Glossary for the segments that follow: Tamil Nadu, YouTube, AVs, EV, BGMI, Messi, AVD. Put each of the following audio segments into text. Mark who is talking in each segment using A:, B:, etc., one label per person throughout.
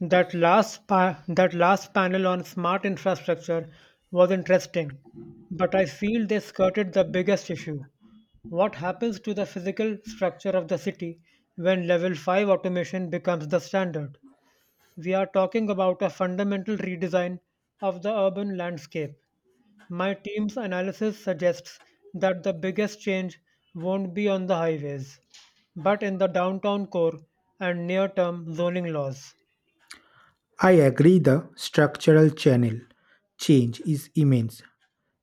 A: That last panel on smart infrastructure was interesting, but I feel they skirted the biggest issue. What happens to the physical structure of the city when level 5 automation becomes the standard? We are talking about a fundamental redesign of the urban landscape. My team's analysis suggests that the biggest change won't be on the highways, but in the downtown core and near term zoning laws.
B: I agree the structural channel change is immense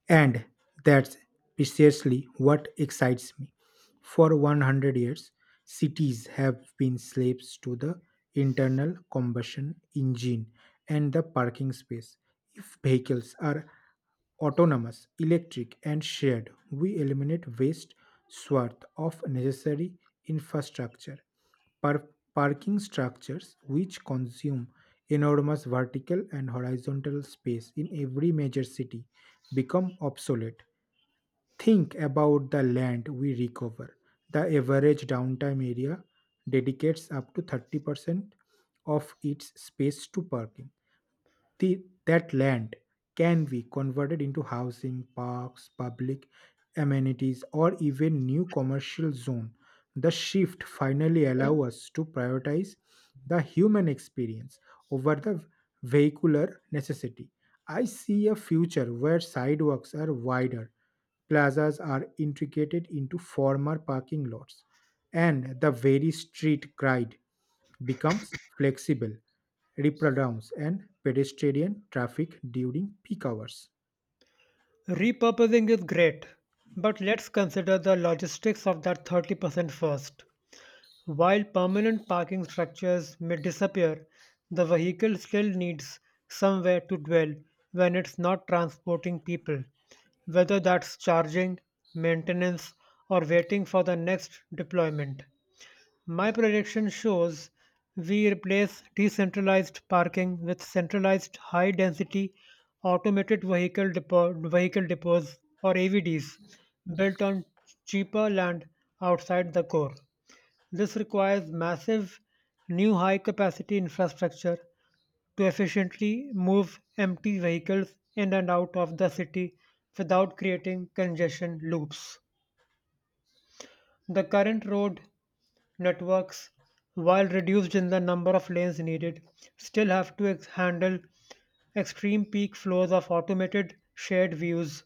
B: and that's precisely what excites me. For 100 years cities have been slaves to the internal combustion engine and the parking space. If vehicles are autonomous, electric, and shared, we eliminate waste swath of necessary infrastructure. Par- Parking structures, which consume enormous vertical and horizontal space in every major city, become obsolete. Think about the land we recover. The average downtime area dedicates up to 30% of its space to parking that land can be converted into housing, parks, public amenities, or even new commercial zone. The shift finally allows us to prioritize the human experience over the vehicular necessity. I see a future where sidewalks are wider, plazas are integrated into former parking lots, and the very street grid becomes flexible reprudence and pedestrian traffic during peak hours.
A: Repurposing is great, but let's consider the logistics of that 30% first. While permanent parking structures may disappear, the vehicle still needs somewhere to dwell when it's not transporting people, whether that's charging, maintenance, or waiting for the next deployment. My projection shows we replace decentralized parking with centralized high density automated vehicle, depot, vehicle depots or AVDs built on cheaper land outside the core. This requires massive new high capacity infrastructure to efficiently move empty vehicles in and out of the city without creating congestion loops. The current road networks, while reduced in the number of lanes needed, still have to handle extreme peak flows of automated shared views.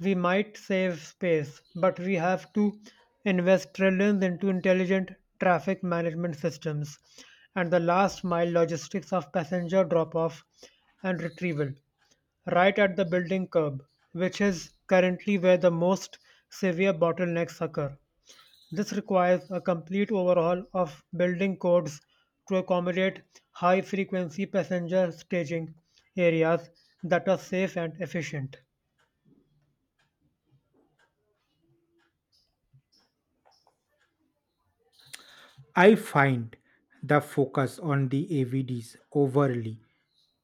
A: We might save space, but we have to invest trillions into intelligent traffic management systems and the last mile logistics of passenger drop off and retrieval right at the building curb, which is currently where the most severe bottlenecks occur. This requires a complete overhaul of building codes to accommodate high frequency passenger staging areas that are safe and efficient.
B: I find the focus on the AVDs overly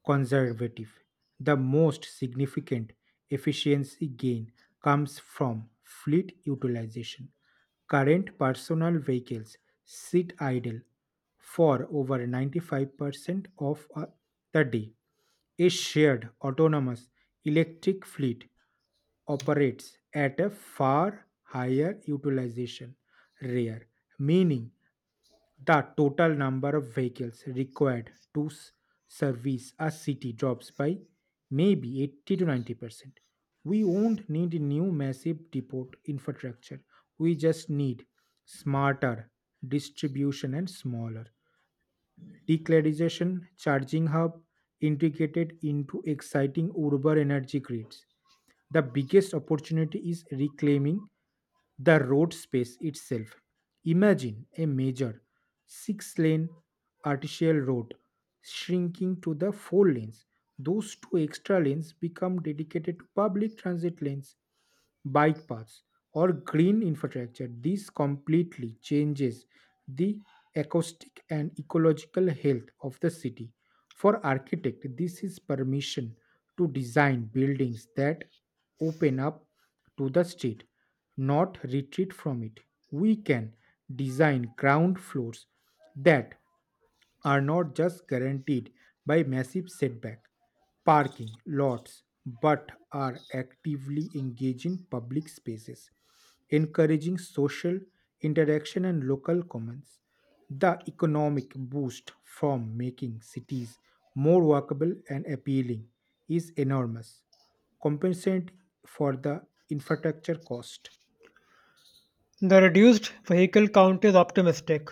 B: conservative. The most significant efficiency gain comes from fleet utilization. Current personal vehicles sit idle for over 95% of the day. A shared autonomous electric fleet operates at a far higher utilization rate, meaning the total number of vehicles required to service a city drops by maybe 80 to 90%. We won't need new massive depot infrastructure. We just need smarter distribution and smaller declaration charging hub integrated into exciting urban energy grids. The biggest opportunity is reclaiming the road space itself. Imagine a major six-lane arterial road shrinking to the four lanes. Those two extra lanes become dedicated to public transit lanes, bike paths, or green infrastructure. This completely changes the acoustic and ecological health of the city. For architect, this is permission to design buildings that open up to the street, not retreat from it. We can design ground floors that are not just guaranteed by massive setback parking lots but are actively engaging public spaces encouraging social interaction and local commons. The economic boost from making cities more walkable and appealing is enormous, compensating for the infrastructure cost.
A: The reduced vehicle count is optimistic,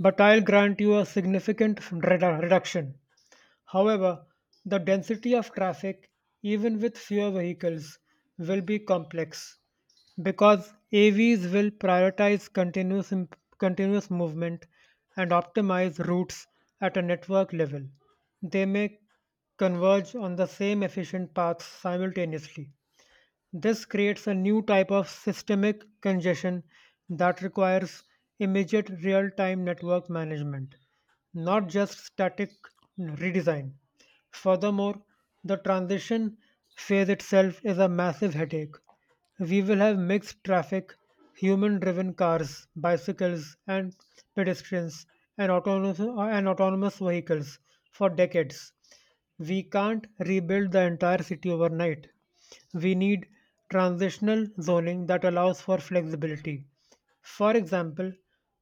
A: but I'll grant you a significant reduction. However, the density of traffic, even with fewer vehicles, will be complex because AVs will prioritize continuous movement and optimize routes at a network level. They may converge on the same efficient paths simultaneously. This creates a new type of systemic congestion that requires immediate real time network management, not just static redesign. Furthermore, the transition phase itself is a massive headache. We will have mixed traffic, human driven cars, bicycles, and pedestrians, and autonomous vehicles for decades. We can't rebuild the entire city overnight. We need transitional zoning that allows for flexibility. For example,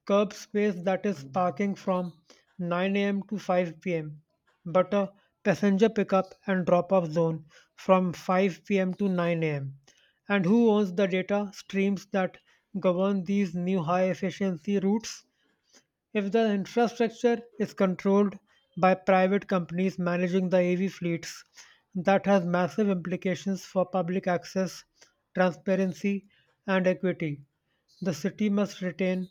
A: curb space that is parking from 9 a.m. to 5 p.m., but a passenger pickup and drop off zone from 5 p.m. to 9 a.m. And who owns the data streams that govern these new high efficiency routes? If the infrastructure is controlled by private companies managing the AV fleets, that has massive implications for public access, transparency, and equity. The city must retain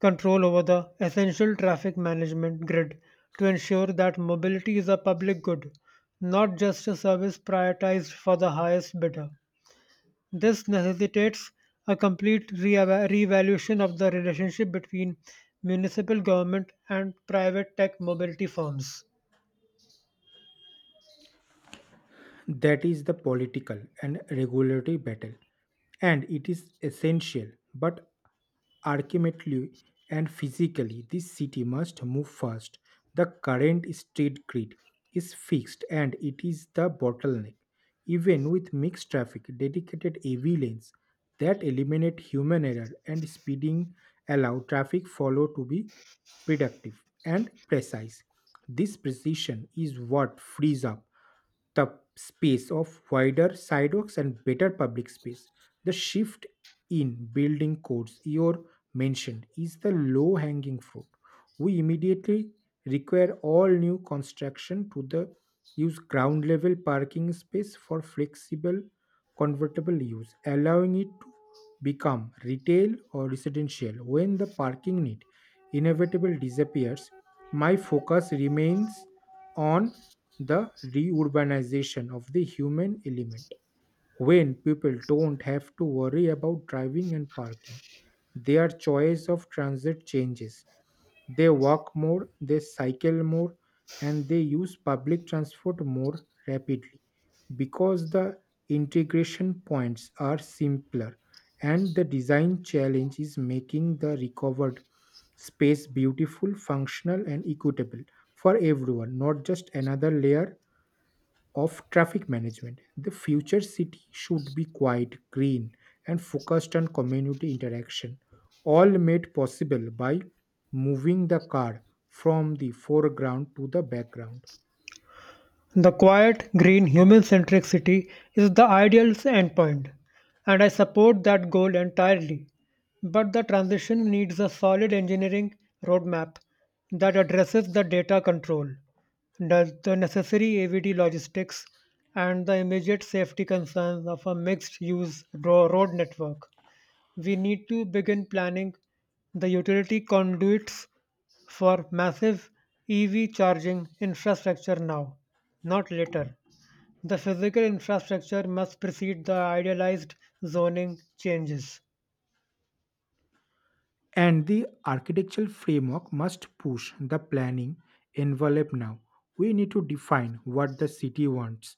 A: control over the essential traffic management grid to ensure that mobility is a public good, not just a service prioritized for the highest bidder. This necessitates a complete reevaluation of the relationship between municipal government and private tech mobility firms.
B: That is the political and regulatory battle and it is essential, but ultimately and physically, this city must move fast. The current street grid is fixed and it is the bottleneck. Even with mixed traffic, dedicated AV lanes that eliminate human error and speeding allow traffic flow to be productive and precise. This precision is what frees up the space of wider sidewalks and better public space. The shift in building codes you mentioned is the low hanging fruit. We immediately require all new construction to the use ground level parking space for flexible convertible use, allowing it to become retail or residential when the parking need inevitably disappears. My focus remains on the reurbanization of the human element when people don't have to worry about driving and parking. Their choice of transit changes. They walk more, they cycle more, and they use public transport more rapidly because the integration points are simpler and the design challenge is making the recovered space beautiful, functional, and equitable for everyone, not just another layer of traffic management. The future city should be quiet, green, and focused on community interaction, all made possible by moving the car from the foreground to the background.
A: The quiet, green, human centric city is the ideal endpoint, and I support that goal entirely. But the transition needs a solid engineering roadmap that addresses the data control, the necessary AVD logistics, and the immediate safety concerns of a mixed use road network. We need to begin planning the utility conduits for massive EV charging infrastructure now, not later. The physical infrastructure must precede the idealized zoning changes.
B: And the architectural framework must push the planning envelope now. We need to define what the city wants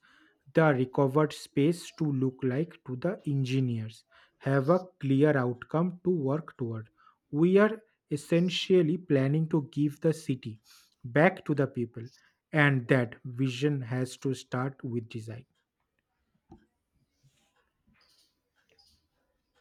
B: the recovered space to look like to the engineers. Have a clear outcome to work toward. We are essentially planning to give the city back to the people, and that vision has to start with design.